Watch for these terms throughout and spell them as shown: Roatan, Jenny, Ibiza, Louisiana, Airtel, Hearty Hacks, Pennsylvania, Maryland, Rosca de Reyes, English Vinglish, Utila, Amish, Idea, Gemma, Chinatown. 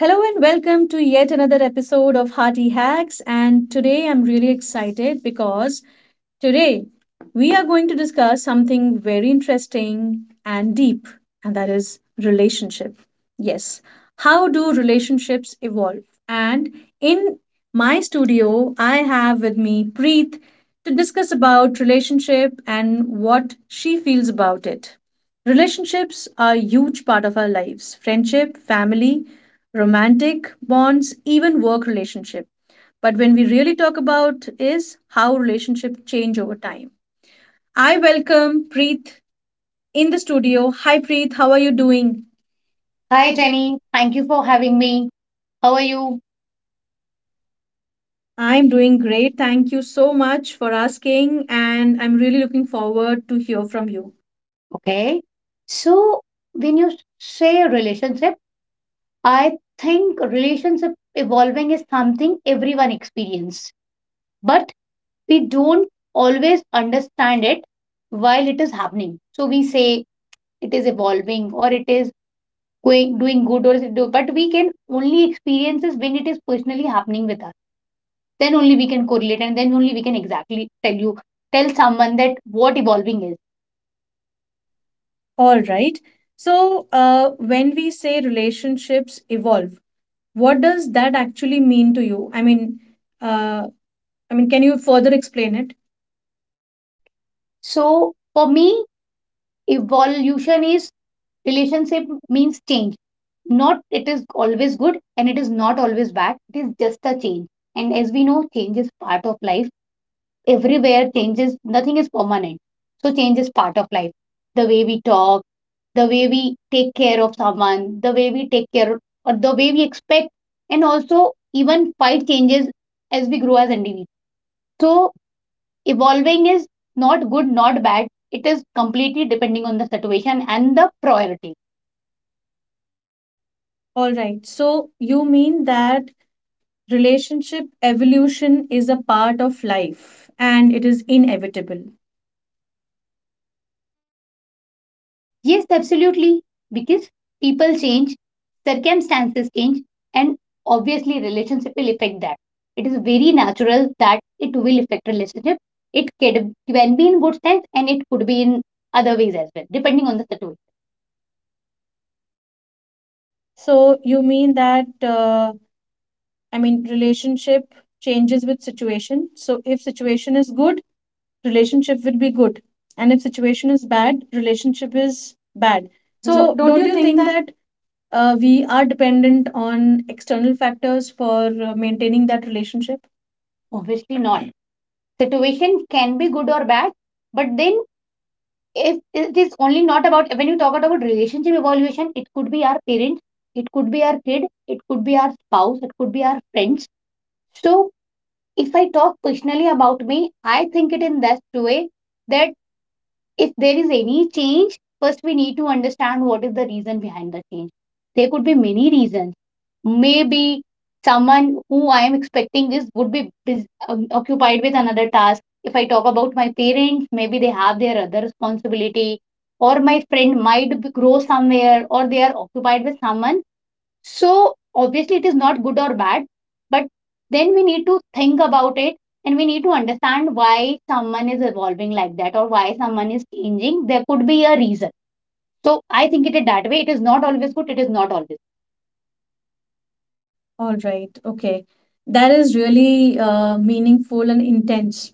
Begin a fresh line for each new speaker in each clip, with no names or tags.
Hello and welcome to yet another episode of Hearty Hacks. And today I'm really excited because today, we are going to discuss something very interesting and deep, and that is relationship. Yes, how do relationships evolve? And in my studio, I have with me Preet to discuss about relationship and what she feels about it. Relationships are a huge part of our lives friendship, family, romantic bonds, even work relationship. But when we really talk about is how relationship change over time. I welcome Preet in the studio. Hi Preet, how are you doing?
Hi,
Hi, Jenny.
Jenny. Thank you for having me. How are you?
I'm doing great. Thank you so much for asking, and I'm really looking forward to hear from you.
Okay. So, when you say relationship, I think relationship evolving is something everyone experience, but we don't always understand it while it is happening. So we say it is evolving or it is going doing good or it do, but we can only experience this when it is personally happening with us. Then only we can correlate and then only we can exactly tell you tell someone that what evolving is.
All right. So, when we say relationships evolve, what does that actually mean to you? Uh, I mean, can you further explain it?
So for me, evolution is relationship means change. Not it is always good and it is not always bad. It is just a change. And as we know, change is part of life. Everywhere changes, nothing is permanent. So change is part of life. The way we talk, the way we take care of someone, the way we take care of, or the way we expect, and also even fight changes as we grow as individuals. So evolving is not good, not bad. It is completely depending on the situation and the priority.
All right. So you mean that relationship evolution is a part of life and it is inevitable.
Yes, absolutely. Because people change, circumstances change, and obviously relationship will affect that. It is very natural that it will affect relationship. It can be in good sense and it could be in other ways as well, depending on the situation.
So you mean that I mean relationship changes with situation. So if situation is good, relationship will be good, and if situation is bad, relationship is bad.
So
So don't you think that we are dependent on external factors for maintaining that relationship?
obviously not. Situation can be good or bad, but then if it is only not about when you talk about relationship evaluation, it could be our parents, it could be our kid, it could be our spouse, it could be our friends. So if I talk personally about me, I think it in that way that if there is any change, first we need to understand what is the reason behind the change. There could be many reasons. Maybe someone who I am expecting this would be occupied with another task. If I talk about my parents, maybe they have their other responsibility, or my friend might grow somewhere, or they are occupied with someone. So obviously it is not good or bad, but then we need to think about it, and we need to understand why someone is evolving like that or why someone is changing. There could be a reason. So I think it is that way. It is not always good, it is not always.
All right. Okay. That is really meaningful and intense.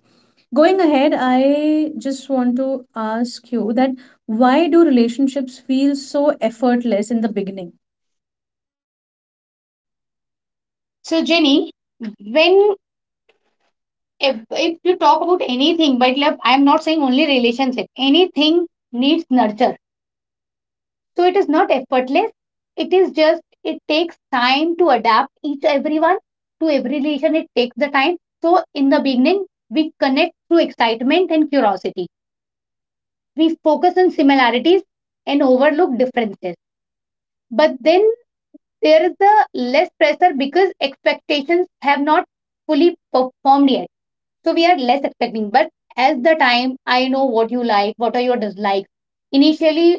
Going ahead, I just want to ask you that why do relationships feel so effortless in the beginning?
So Jenny, when if you talk about anything, but like, I'm not saying only relationship. Anything needs nurture. So it is not effortless. It is just it takes time to adapt each everyone to every relation. It takes the time. So in the beginning, we connect through excitement and curiosity. We focus on similarities and overlook differences. But then there is the less pressure because expectations have not fully performed yet. So we are less expecting. But as the time, I know what you like, what are your dislikes. Initially,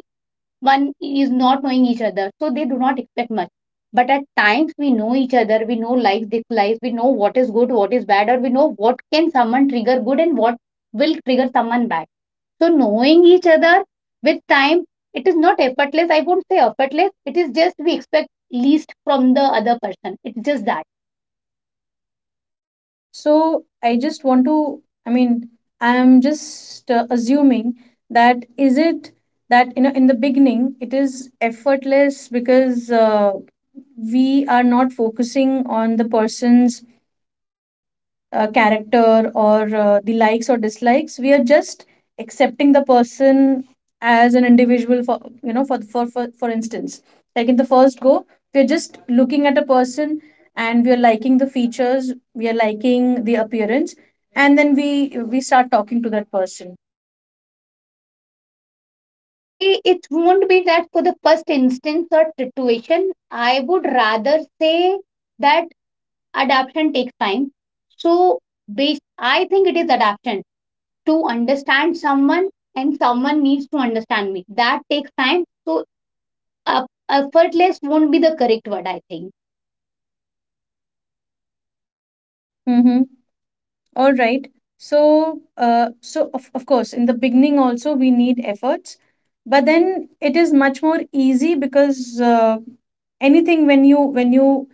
one is not knowing each other, so they do not expect much. But at times, we know each other, we know likes, dislikes, we know what is good, what is bad, or we know what can someone trigger good and what will trigger someone bad. So knowing each other with time, it is not effortless. I won't say effortless. It is just we expect least from the other person. It's just that.
So I just want to, I mean, I'm just assuming that is it that, you know, in the beginning it is effortless because we are not focusing on the person's character or the likes or dislikes. We are just accepting the person as an individual, for you know, for instance, like in the first go we are just looking at a person and we are liking the features, we are liking the appearance, and then we start talking to that person.
See, it won't be that for the first instance or situation. I would rather say that adaptation takes time. So, based, I think it is adaptation to understand someone, and someone needs to understand me. That takes time. So, effortless won't be the correct word, I think.
Mm-hmm. All right. So so of course, in the beginning also we need efforts, but then it is much more easy because anything when you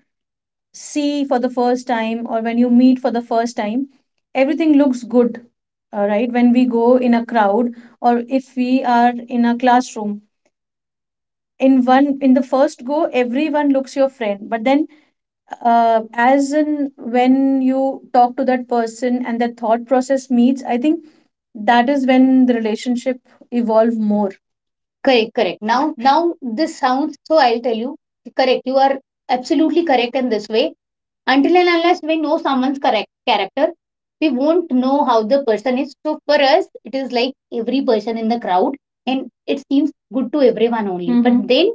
see for the first time or when you meet for the first time, everything looks good. All right, when we go in a crowd or if we are in a classroom, in one in the first go everyone looks your friend, but then as in when you talk to that person and the thought process meets, I think that is when the relationship evolve more.
Correct, correct. Now this sounds so. I'll tell you. Correct. You are absolutely correct in this way. Until and unless we know someone's correct character, we won't know how the person is. So for us, it is like every person in the crowd, and it seems good to everyone only. Mhm. But then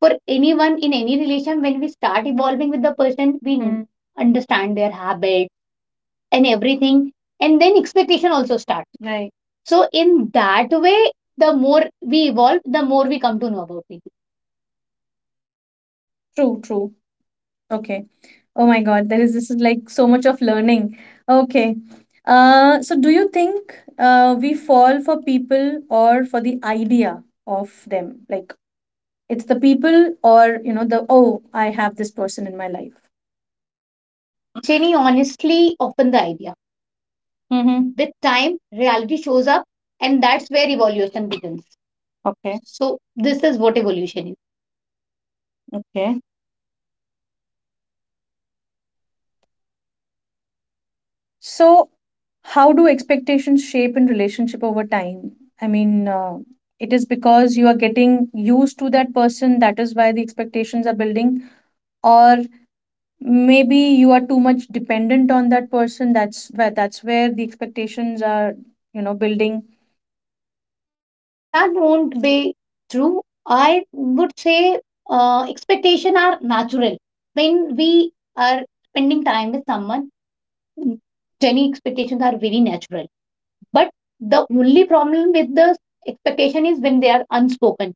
for anyone in any relation, when we start evolving with the person, we Mm. understand their habit and everything, and then expectation also starts. Right. So in that way, the more we evolve, the more we come to know about people.
True, true. Okay. Oh my God, there is this is like so much of learning. Okay. So do you think we fall for people or for the idea of them? Like, it's the people or, you know, the, oh, I have this person in my life.
Jenny, honestly open the idea. Mm-hmm. With time, reality shows up, and that's where evolution begins. Okay. So, this is what evolution is. Okay.
So how do expectations shape in relationship over time? I mean, it is because you are getting used to that person, that is why the expectations are building, or maybe you are too much dependent on that person, that's where the expectations are, you know, building.
That won't be true. I would say expectation are natural. When we are spending time with someone, many expectations are very natural. But the only problem with the expectation is when they are unspoken.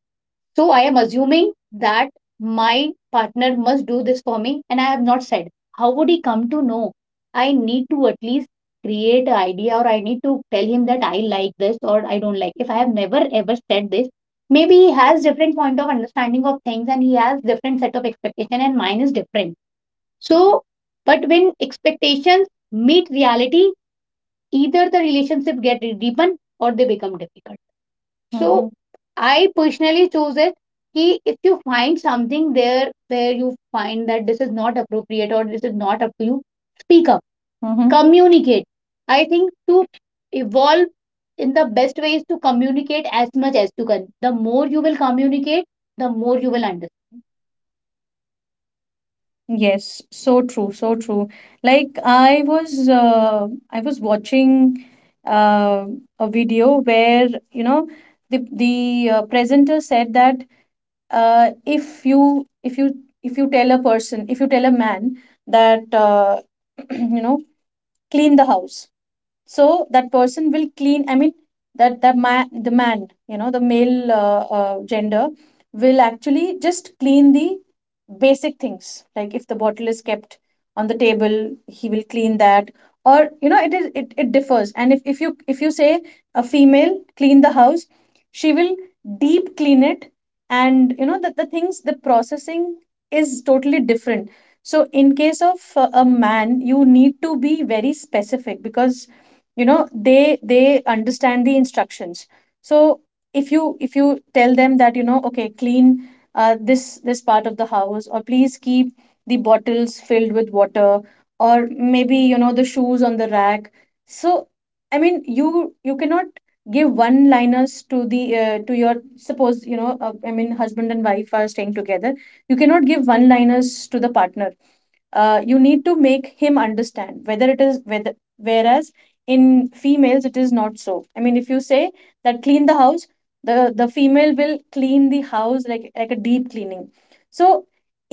So I am assuming that my partner must do this for me, and I have not said. How would he come to know? I need to at least create an idea, or I need to tell him that I like this or I don't like. If I have never ever said this, maybe he has different point of understanding of things, and he has different set of expectation, and mine is different. So, but when expectations meet reality, either the relationship get deepen or they become difficult, so. Mm-hmm. So I personally chose it कि if you find something there where you find that this is not appropriate or this is not up to you, speak up. Mm-hmm. Communicate. I think to evolve in the best way is to communicate as much as to can. The more you will communicate, the more you will understand.
Yes, so true, so true. Like I was I was watching uh, a video where, you know, the presenter said that uh, if you if you if you tell a person, if you tell a man that you know, clean the house, so that person will clean. I mean, that the man, the man, you know, the male gender will actually just clean the basic things. Like if the bottle is kept on the table, he will clean that. Or you know, it differs. And if you say a female clean the house, she will deep clean it. And you know, that the things the processing is totally different. So in case of a man you need to be very specific because you know, they understand the instructions. So if you tell them that, you know, okay, clean this part of the house, or please keep the bottles filled with water, or maybe you know, the shoes on the rack. So I mean, you cannot give one liners to the to your, suppose you know I mean husband and wife are staying together, you cannot give one liners to the partner. You need to make him understand, whether it is, whether whereas in females it is not. So I mean, if you say that clean the house, the female will clean the house like a deep cleaning. So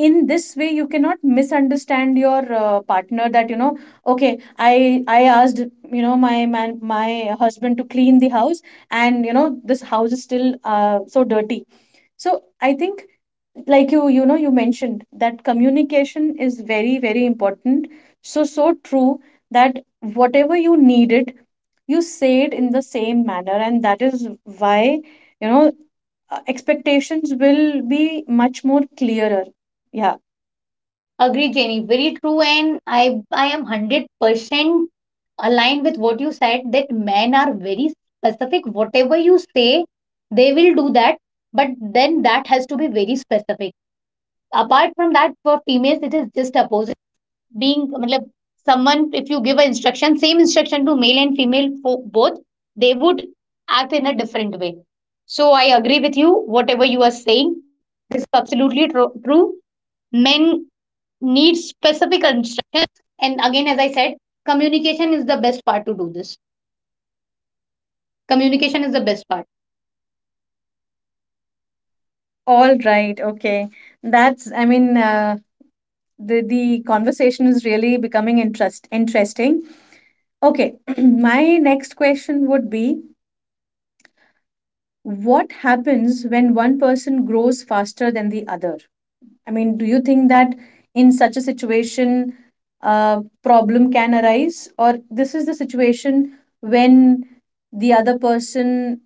in this way you cannot misunderstand your partner, that you know, okay, i I asked, you know, my man, my husband to clean the house, and you know, this house is still so dirty. So I think like you know, you mentioned that communication is very, very important. So so true, that whatever you needed, you say it in the same manner, and that is why you know, expectations will be much more clearer. Yeah.
Agree, Jenny. Very true, and I am 100% aligned with what you said. That men are very specific. Whatever you say, they will do that. But then that has to be very specific. Apart from that, for females, it is just to do this. Communication is the best part.
All right, okay. That's, I mean, the conversation is really becoming interesting. Okay. My next question would be, what happens when one person grows faster than the other? I mean, do you think that in such a situation, a problem can arise, or this is the situation when the other person's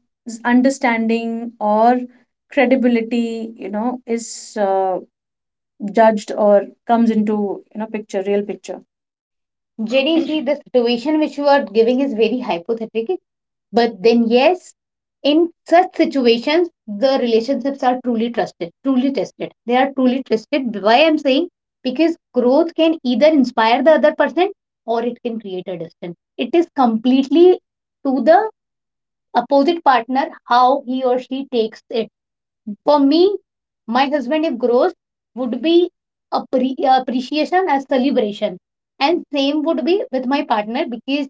understanding or credibility, you know, is judged or comes into, you know, picture, real picture?
Jenny G, the situation which you are giving is very hypothetical, but then yes, in such situations, the relationships are truly trusted, truly tested. They are truly tested. Why I'm saying because growth can either inspire the other person or it can create a distance. It is completely to the opposite partner how he or she takes it. For me, my husband, if grows, would be appreciation as celebration. And same would be with my partner because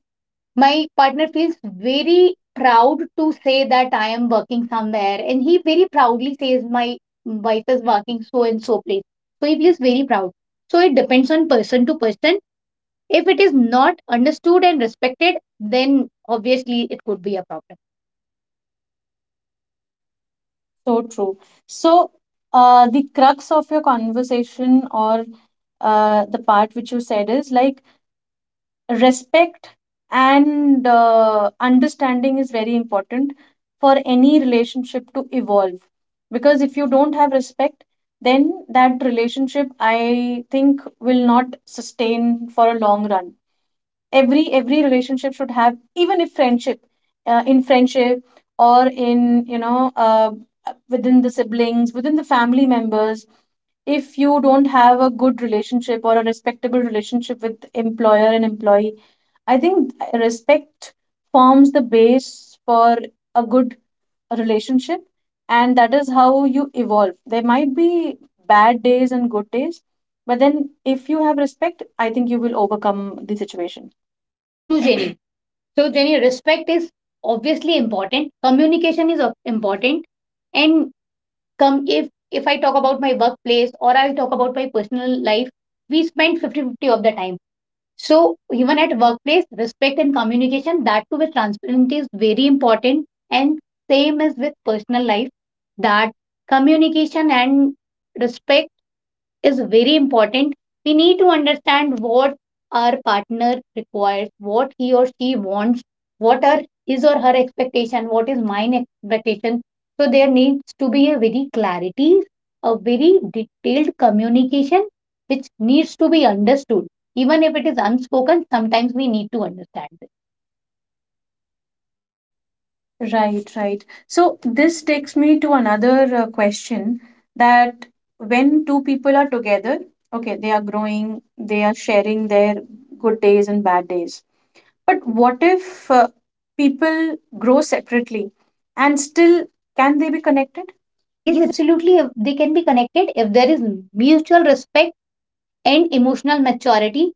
my partner feels very proud to say that I am working somewhere. And he very proudly says, "My wife is working so and so place." So he feels very proud. So it depends on person to person. If it is not understood and respected, then obviously it could be a problem.
So true. So, the crux of your conversation or the part which you said is like respect and understanding is very important for any relationship to evolve, because if you don't have respect, then that relationship, I think, will not sustain for a long run. Every relationship should have, even if friendship, in friendship, or in, you know, within the siblings, within the family members, if you don't have a good relationship or a respectable relationship with employer and employee. I think respect forms the base for a good relationship, and that is how you evolve. There might be bad days and good days, but then if you have respect, I think you will overcome the situation.
True, Jenny. So, Jenny, respect is obviously important. Communication is important. And come if I talk about my workplace or I talk about my personal life, we spend fifty fifty of the time. So even at workplace, respect and communication, that too with transparency is very important. And same as with personal life, that communication and respect is very important. We need to understand what our partner requires, what he or she wants, what are his or her expectation, what is mine expectation. So there needs to be a very clarity, a very detailed communication which needs to be understood. Even if it is unspoken, sometimes we need to understand it.
Right, right. So this takes me to another question, that when two people are together, okay, they are growing, they are sharing their good days and bad days. But what if people grow separately and still can they be connected?
Yes,
Yes.
absolutely. They can be connected if there is mutual respect and emotional maturity.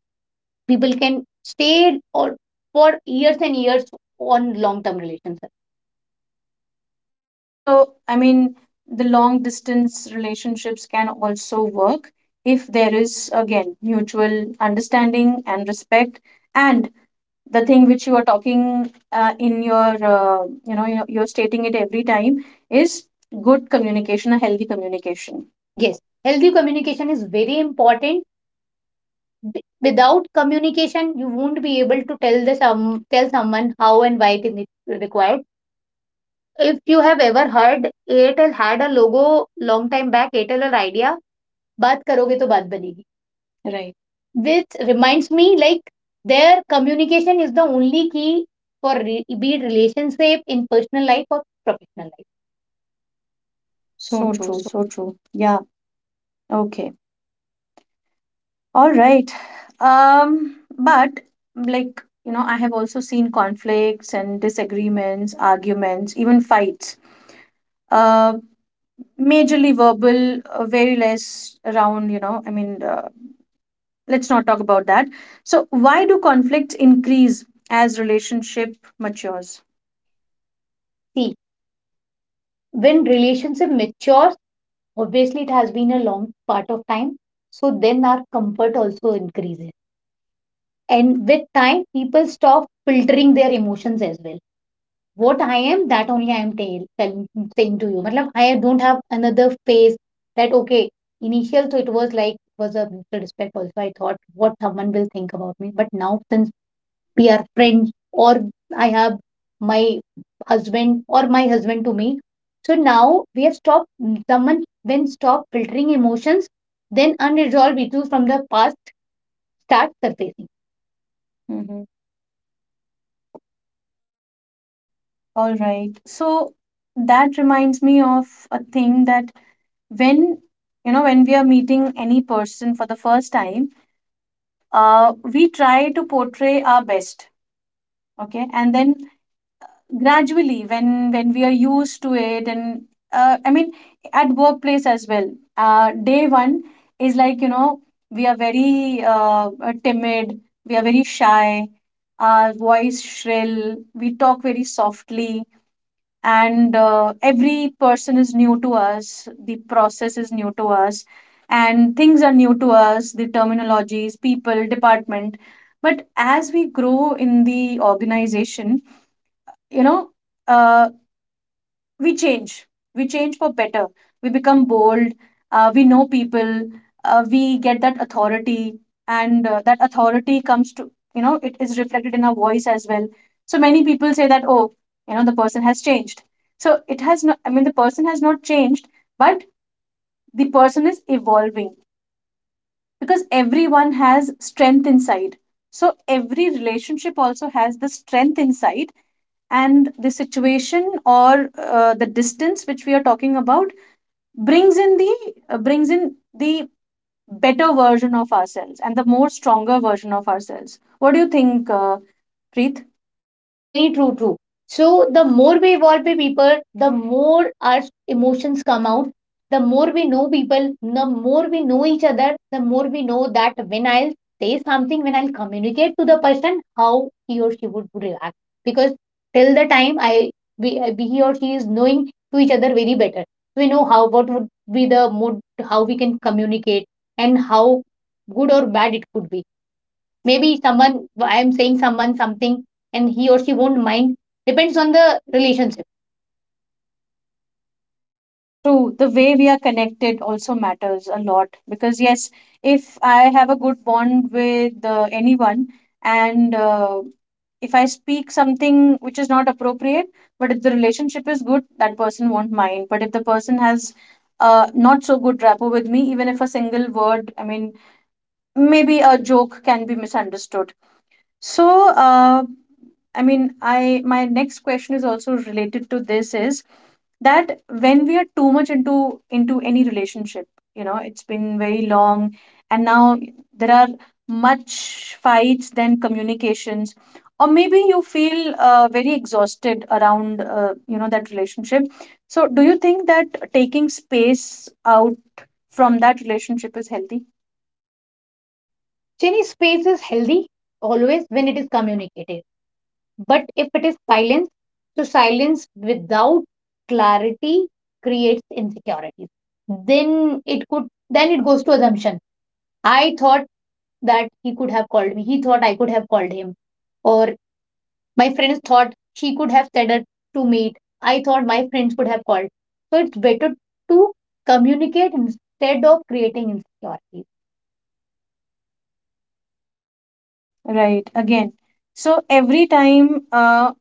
People can stay or for years and years on long term relations.
So, I mean, the long distance relationships can also work if there is, again, mutual understanding and respect. And the thing which you are talking in your, you know, you're stating it every time, is good communication, a healthy communication.
Yes, healthy communication is very important. Without communication you won't be able to tell the some tell someone how and why it is required. If you have ever heard, Airtel had a logo, long time back Airtel or Idea, बात करोगे तो बात बनेगी. Right. Which reminds me, like, their communication is the only key for be it relationship in personal life or professional life. So
So
true.
true, so true. Yeah, okay. All right. But like, you know, I have also seen conflicts and disagreements, arguments, even fights. Uh, Majorly verbal, very less around, you know, I mean, let's not talk about that. So, why do conflicts increase as relationship matures?
See, when relationship matures, obviously it has been a long part of time. So then our comfort also increases. And with time, people stop filtering their emotions as well. What I am, that only I am telling, saying to you. Matlab, I don't have another phase that, okay, initial, so it was like, it was a mutual respect also. I thought what someone will think about me. But now, since we are friends, or I have my husband or my husband to me, so now we have stopped someone, then stop filtering emotions, then unresolved issues from the past start surfacing.
All right. So, that reminds me of a thing that when, you know, when we are meeting any person for the first time, we try to portray our best, okay, and then gradually when we are used to it, and I mean at workplace as well, day one is like you know, we are very timid, we are very shy, our voice shrill, we talk very softly. And every person is new to us, the process is new to us, and things are new to us, the terminologies, people, department. But as we grow in the organization, you know, uh, we change, we change for better, we become bold, we know people, we get that authority. And that authority comes to, you know, it is reflected in our voice as well. So many people say that, oh, you know, the person has changed. So it has not, I mean, the person has not changed, but the person is evolving, because everyone has strength inside. So every relationship also has the strength inside, and the situation or the distance which we are talking about brings in the, better version of ourselves, and the more stronger version of ourselves. What do you think, Preet?
Jenny, true, true. So the more we evolve with people, the more our emotions come out. The more we know people, the more we know each other, the more we know that when I'll say something, when I'll communicate to the person, how he or she would react. Because till the time I we he or she is knowing to each other very better. We know how what would be the mood, how we can communicate, and how good or bad it could be. Maybe someone, I am saying someone something and he or she won't mind. Depends on the relationship.
True, the way we are connected also matters a lot. Because, yes, if I have a good bond with anyone, and if I speak something which is not appropriate, but if the relationship is good, that person won't mind. But if the person has not so good rapport with me, even if a single word, I mean, maybe a joke can be misunderstood. So, I mean, I My next question is also related to this is that when we are too much into any relationship, it's been very long and now there are much fights than communications, or maybe you feel very exhausted around that relationship. So do you think that taking space out from that relationship is healthy?
Any space is healthy always when it is communicated. But if it is silence, so silence without clarity creates insecurities. Then it could then it goes to assumption. I thought that he could have called me. He thought I could have called him. Or my friends thought she could have said it to meet. I thought my friends could have called. So it's better to communicate instead of creating insecurity.
Mm. Right, again. So every time uh,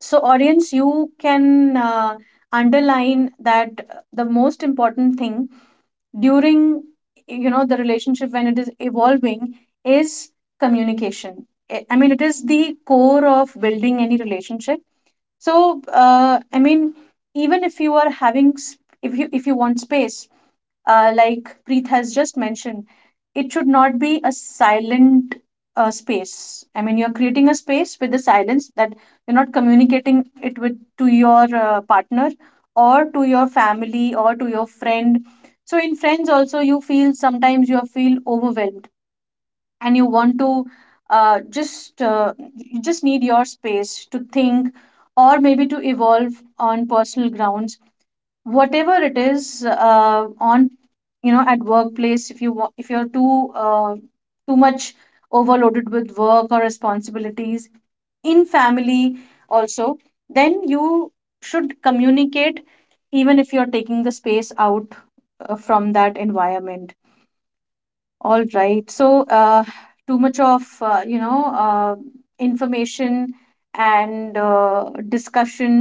So, audience, you can underline that the most important thing during, you know, the relationship when it is evolving is communication. I mean, it is the core of building any relationship. So, even if you are having if you want space, like Preet has just mentioned, it should not be a silent space. I mean, you're creating a space with the silence, that you're not communicating it with to your partner or to your family or to your friend. So in friends also, you feel sometimes you feel overwhelmed and you want to just you just need your space to think or maybe to evolve on personal grounds, whatever it is. On, you know, at workplace, if you if you're too too much overloaded with work or responsibilities, in family also, then you should communicate even if you're taking the space out from that environment. All right. So, too much of information and discussion.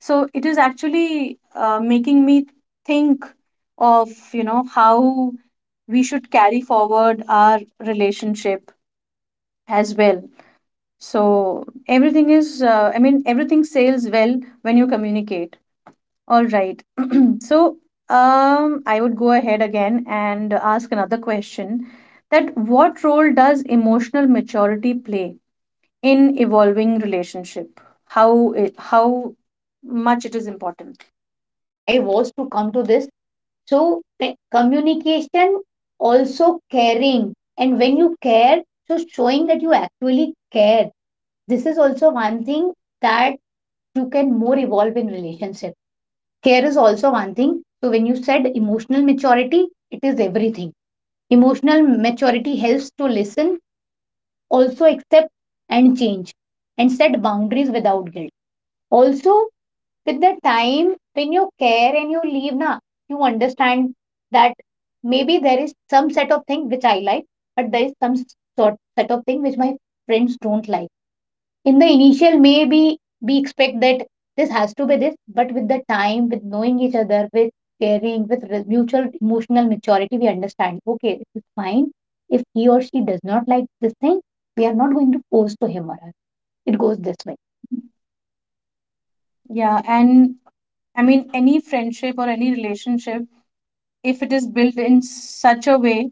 So it is actually making me think of, you know, how we should carry forward our relationship as well. So everything is, everything sails well when you communicate. All right. So, I would go ahead again and ask another question, that what role does emotional maturity play in evolving relationship? How it, how much it is important?
Jenny, I was to come to this. So communication, also caring. And when you care, so showing that you actually care. This is also one thing that you can more evolve in relationship. Care is also one thing. So when you said emotional maturity, is everything. Emotional maturity helps to listen, also accept and change and set boundaries without guilt. Also, with the time when you care and you leave, na, you understand that maybe there is some set of thing which I like, but there is some sort set of thing which my friends don't like. In the initial maybe we expect that this has to be this, but with the time, with knowing each other, with caring, with mutual emotional maturity, we understand okay, it's fine. If he or she does not like this thing, we are not going to force to him or her. It goes this way.
Yeah, and any friendship or any relationship, if it is built in such a way,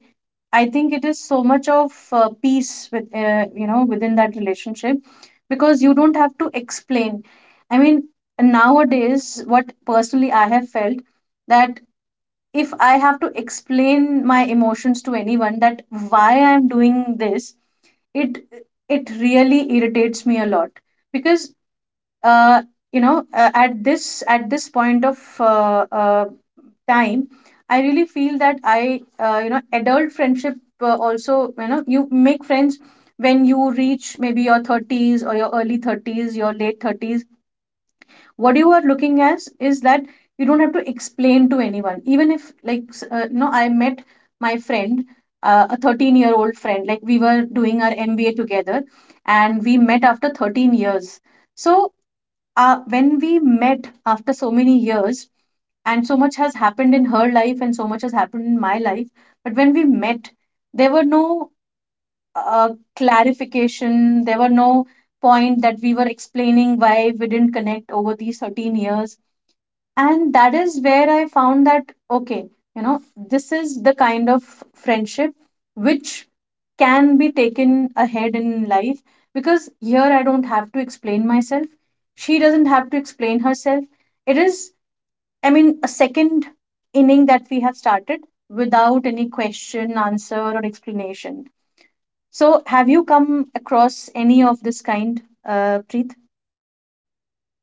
I think it is so much of peace with, you know, within that relationship, because you don't have to explain. I mean, nowadays, what personally I have felt, that if I have to explain my emotions to anyone, that why I'm doing this, it it really irritates me a lot because uh, at this point of time, I really feel that I you know adult friendship, also, you know, you make friends when you reach maybe your 30s or your early 30s, your late 30s. What you are looking as is that you don't have to explain to anyone. Even if, you know, I met my friend, a 13-year-old friend, like we were doing our MBA together, and we met after 13 years. So when we met after so many years, and so much has happened in her life and so much has happened in my life, but when we met, there were no uh, clarification, there were no point that we were explaining why we didn't connect over these 13 years. And that is where I found that, okay, you know, this is the kind of friendship which can be taken ahead in life, because here I don't have to explain myself, she doesn't have to explain herself. It is, I mean, a second inning that we have started without any question answer or explanation. So have you come across any of this kind, Preet?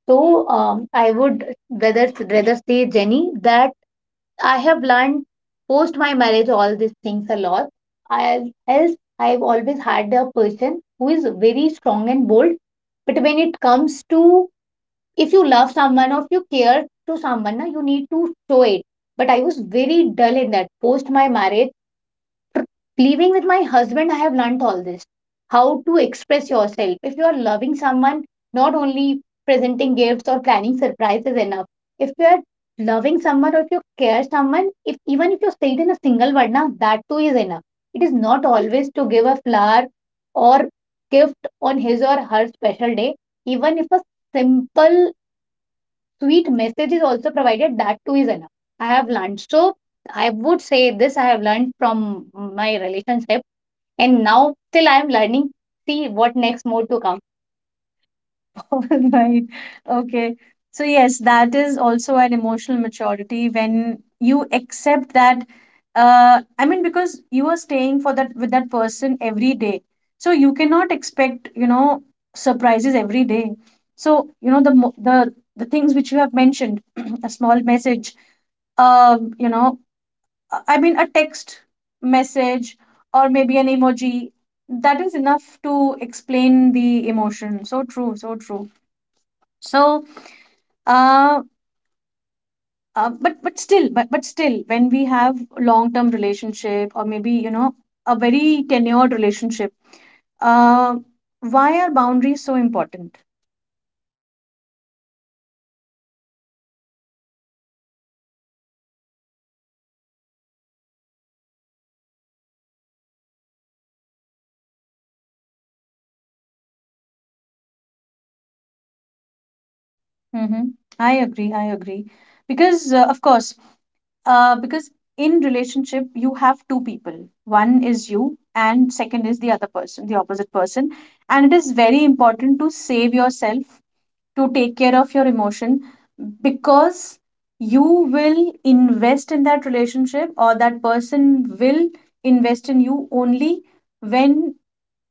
So I would rather rather say Jenny that I have learned post my marriage all these things a lot. I, else, I've always had a person who is very strong and bold. But when it comes to, if you love someone or if you care to someone, na, you need to show it. But I was very dull in that post my marriage. Living with my husband, I have learnt all this. How to express yourself. If you are loving someone, not only presenting gifts or planning surprises is enough. If you are loving someone or if you care someone, if even if you say it in a single word, now that too is enough. It is not always to give a flower or gift on his or her special day. Even if a simple sweet message is also provided, that too is enough. I have learned. So I would say this I have learned from my relationship, and now still I am learning. See what next more to come.
All right. Okay. So, yes, that is also an emotional maturity when you accept that. Because you are staying for that with that person every day, so you cannot expect, you know, surprises every day. So, you know, the the things which you have mentioned, a small message, um, you know, I mean, a text message or maybe an emoji, that is enough to explain the emotion. So true, so true. So uh, but still when we have long term relationship or maybe, you know, a very tenured relationship, uh, why are boundaries so important? Mm-hmm. I agree, I agree, because of course, because in relationship you have two people, one is you and second is the other person, the opposite person. And it is very important to save yourself, to take care of your emotion, because you will invest in that relationship or that person will invest in you only when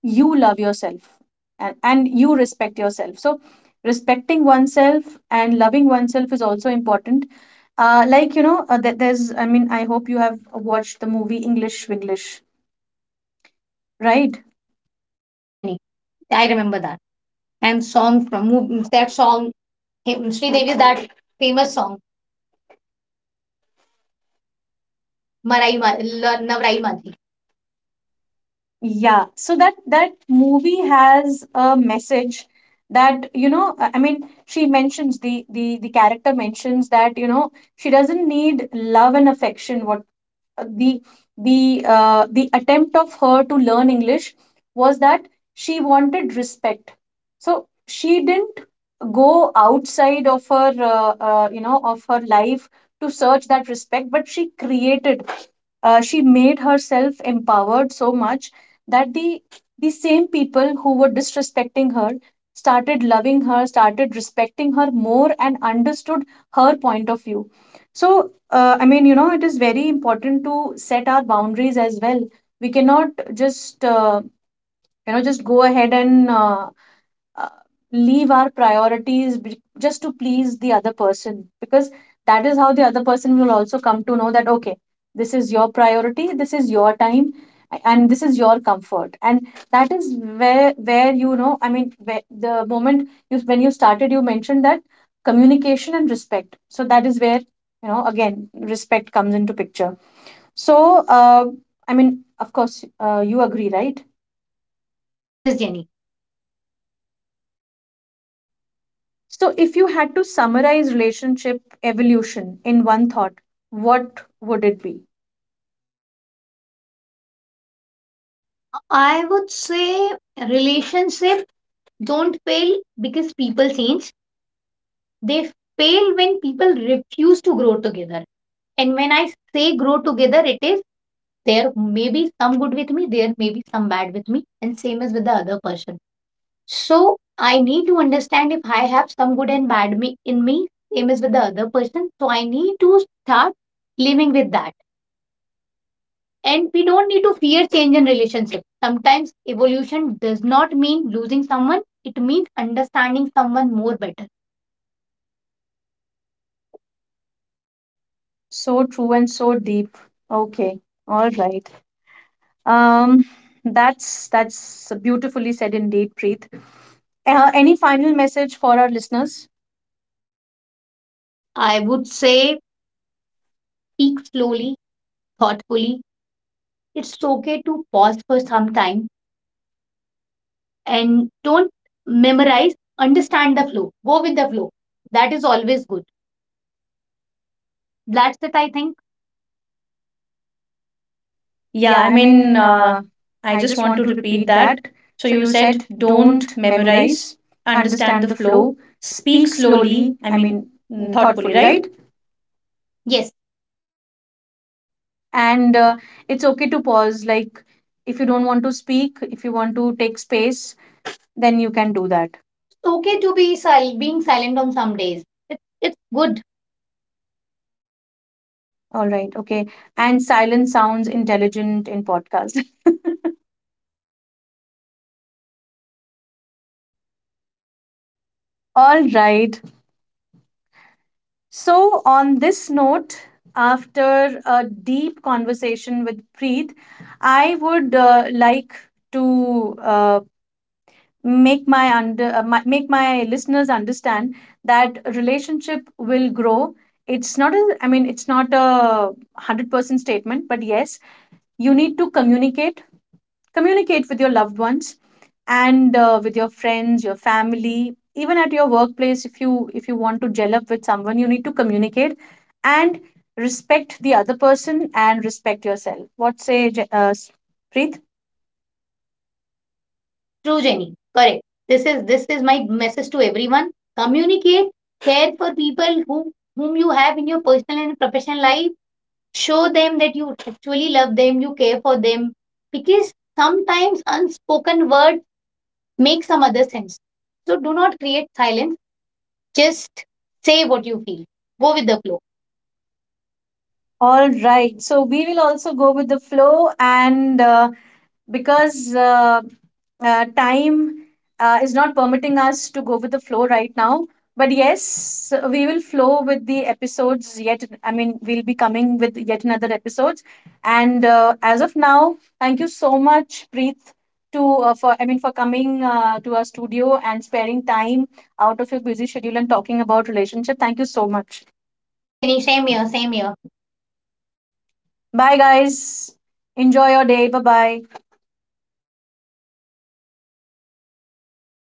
you love yourself, and you respect yourself. So respecting oneself and loving oneself is also important. There's, I mean, I hope you have watched the movie English Winglish, right?
Yeah, Jenny, I remember that. And song from that song, Sridevi's that famous song, Navrai Madhi.
Yeah, so that that movie has a message, that, you know, I mean, she mentions, the character mentions that, you know, she doesn't need love and affection. What uh, the the The attempt of her to learn English was that she wanted respect. So she didn't go outside of her of her life to search that respect, but she created, she made herself empowered so much that the same people who were disrespecting her started loving her, started respecting her more, and understood her point of view. So, you know, it is very important to set our boundaries as well. We cannot just you know, just go ahead and uh, leave our priorities just to please the other person, because that is how the other person will also come to know that, okay, this is your priority, this is your time, and this is your comfort. And that is where you know, I mean where the moment you, when you started, you mentioned that communication and respect, so that is where, you know, again respect comes into picture. So, uh, of course, you agree, right?
Yes, yes, Jenny.
So, if you had to summarize relationship evolution in one thought, what would it be?
I would say relationship don't fail because people change. They fail when people refuse to grow together. And when I say grow together, it is there may be some good with me, there may be some bad with me, and same as with the other person. So I need to understand if I have some good and bad me in me, same as with the other person. So I need to start living with that. And we don't need to fear change in relationship. Sometimes evolution does not mean losing someone, it means understanding someone more better.
So true and so deep. Okay, all right. Um, that's beautifully said indeed, Preet. Any final message for our listeners?
Yes, I would say speak slowly, thoughtfully. It's okay to pause for some time and don't memorize, understand the flow. Go with the flow. That is always good. That's it, I think. Yeah,
Yeah,
I
I
mean,
mean, uh,
I
I
just
just
want
want
to
to
repeat
repeat
that.
that.
So
So
you
you
said
said
don't
don't
memorize,
memorize,
understand
understand
the
the
flow,
flow,
speak
speak
slowly,
slowly.
I
I
mean,
mean,
mm,
mm,
thoughtfully,
thoughtfully,
right?
right?
Yes,
And it's okay to pause. Like if you don't want to speak, if you want to take space, then you can do that.
it's okay to being silent on some days. It's good.
All right. Okay. And silence sounds intelligent in podcast.
Yeah, Jenny.
All right. So on this note, after a deep conversation with Preet, I would like to make my make my listeners understand that relationship will grow. It's not a, it's not a 100% statement, but yes, you need to communicate. Communicate with your loved ones and with your friends, your family. Even at your workplace, if you want to gel up with someone, you need to communicate and respect the other person and respect yourself. What say, Preet?
True, Jenny. Correct. This is my message to everyone. Communicate, care for people whom you have in your personal and professional life. Show them that you actually love them, you care for them, because sometimes unspoken word makes some other sense. So do not create silence. Just say what you feel. Go with the flow.
All right. So we will also go with the flow, and because time is not permitting us to go with the flow right now, but yes, we will flow with the episodes yet. I mean, we'll be coming with yet another episodes. And as of now, thank you so much, Preet, to for I mean for coming to our studio and sparing time out of your busy schedule and talking about relationship. Thank you so much.
Thanks, Jenny. Same here. Same here.
Bye, guys. Enjoy your day. Bye bye.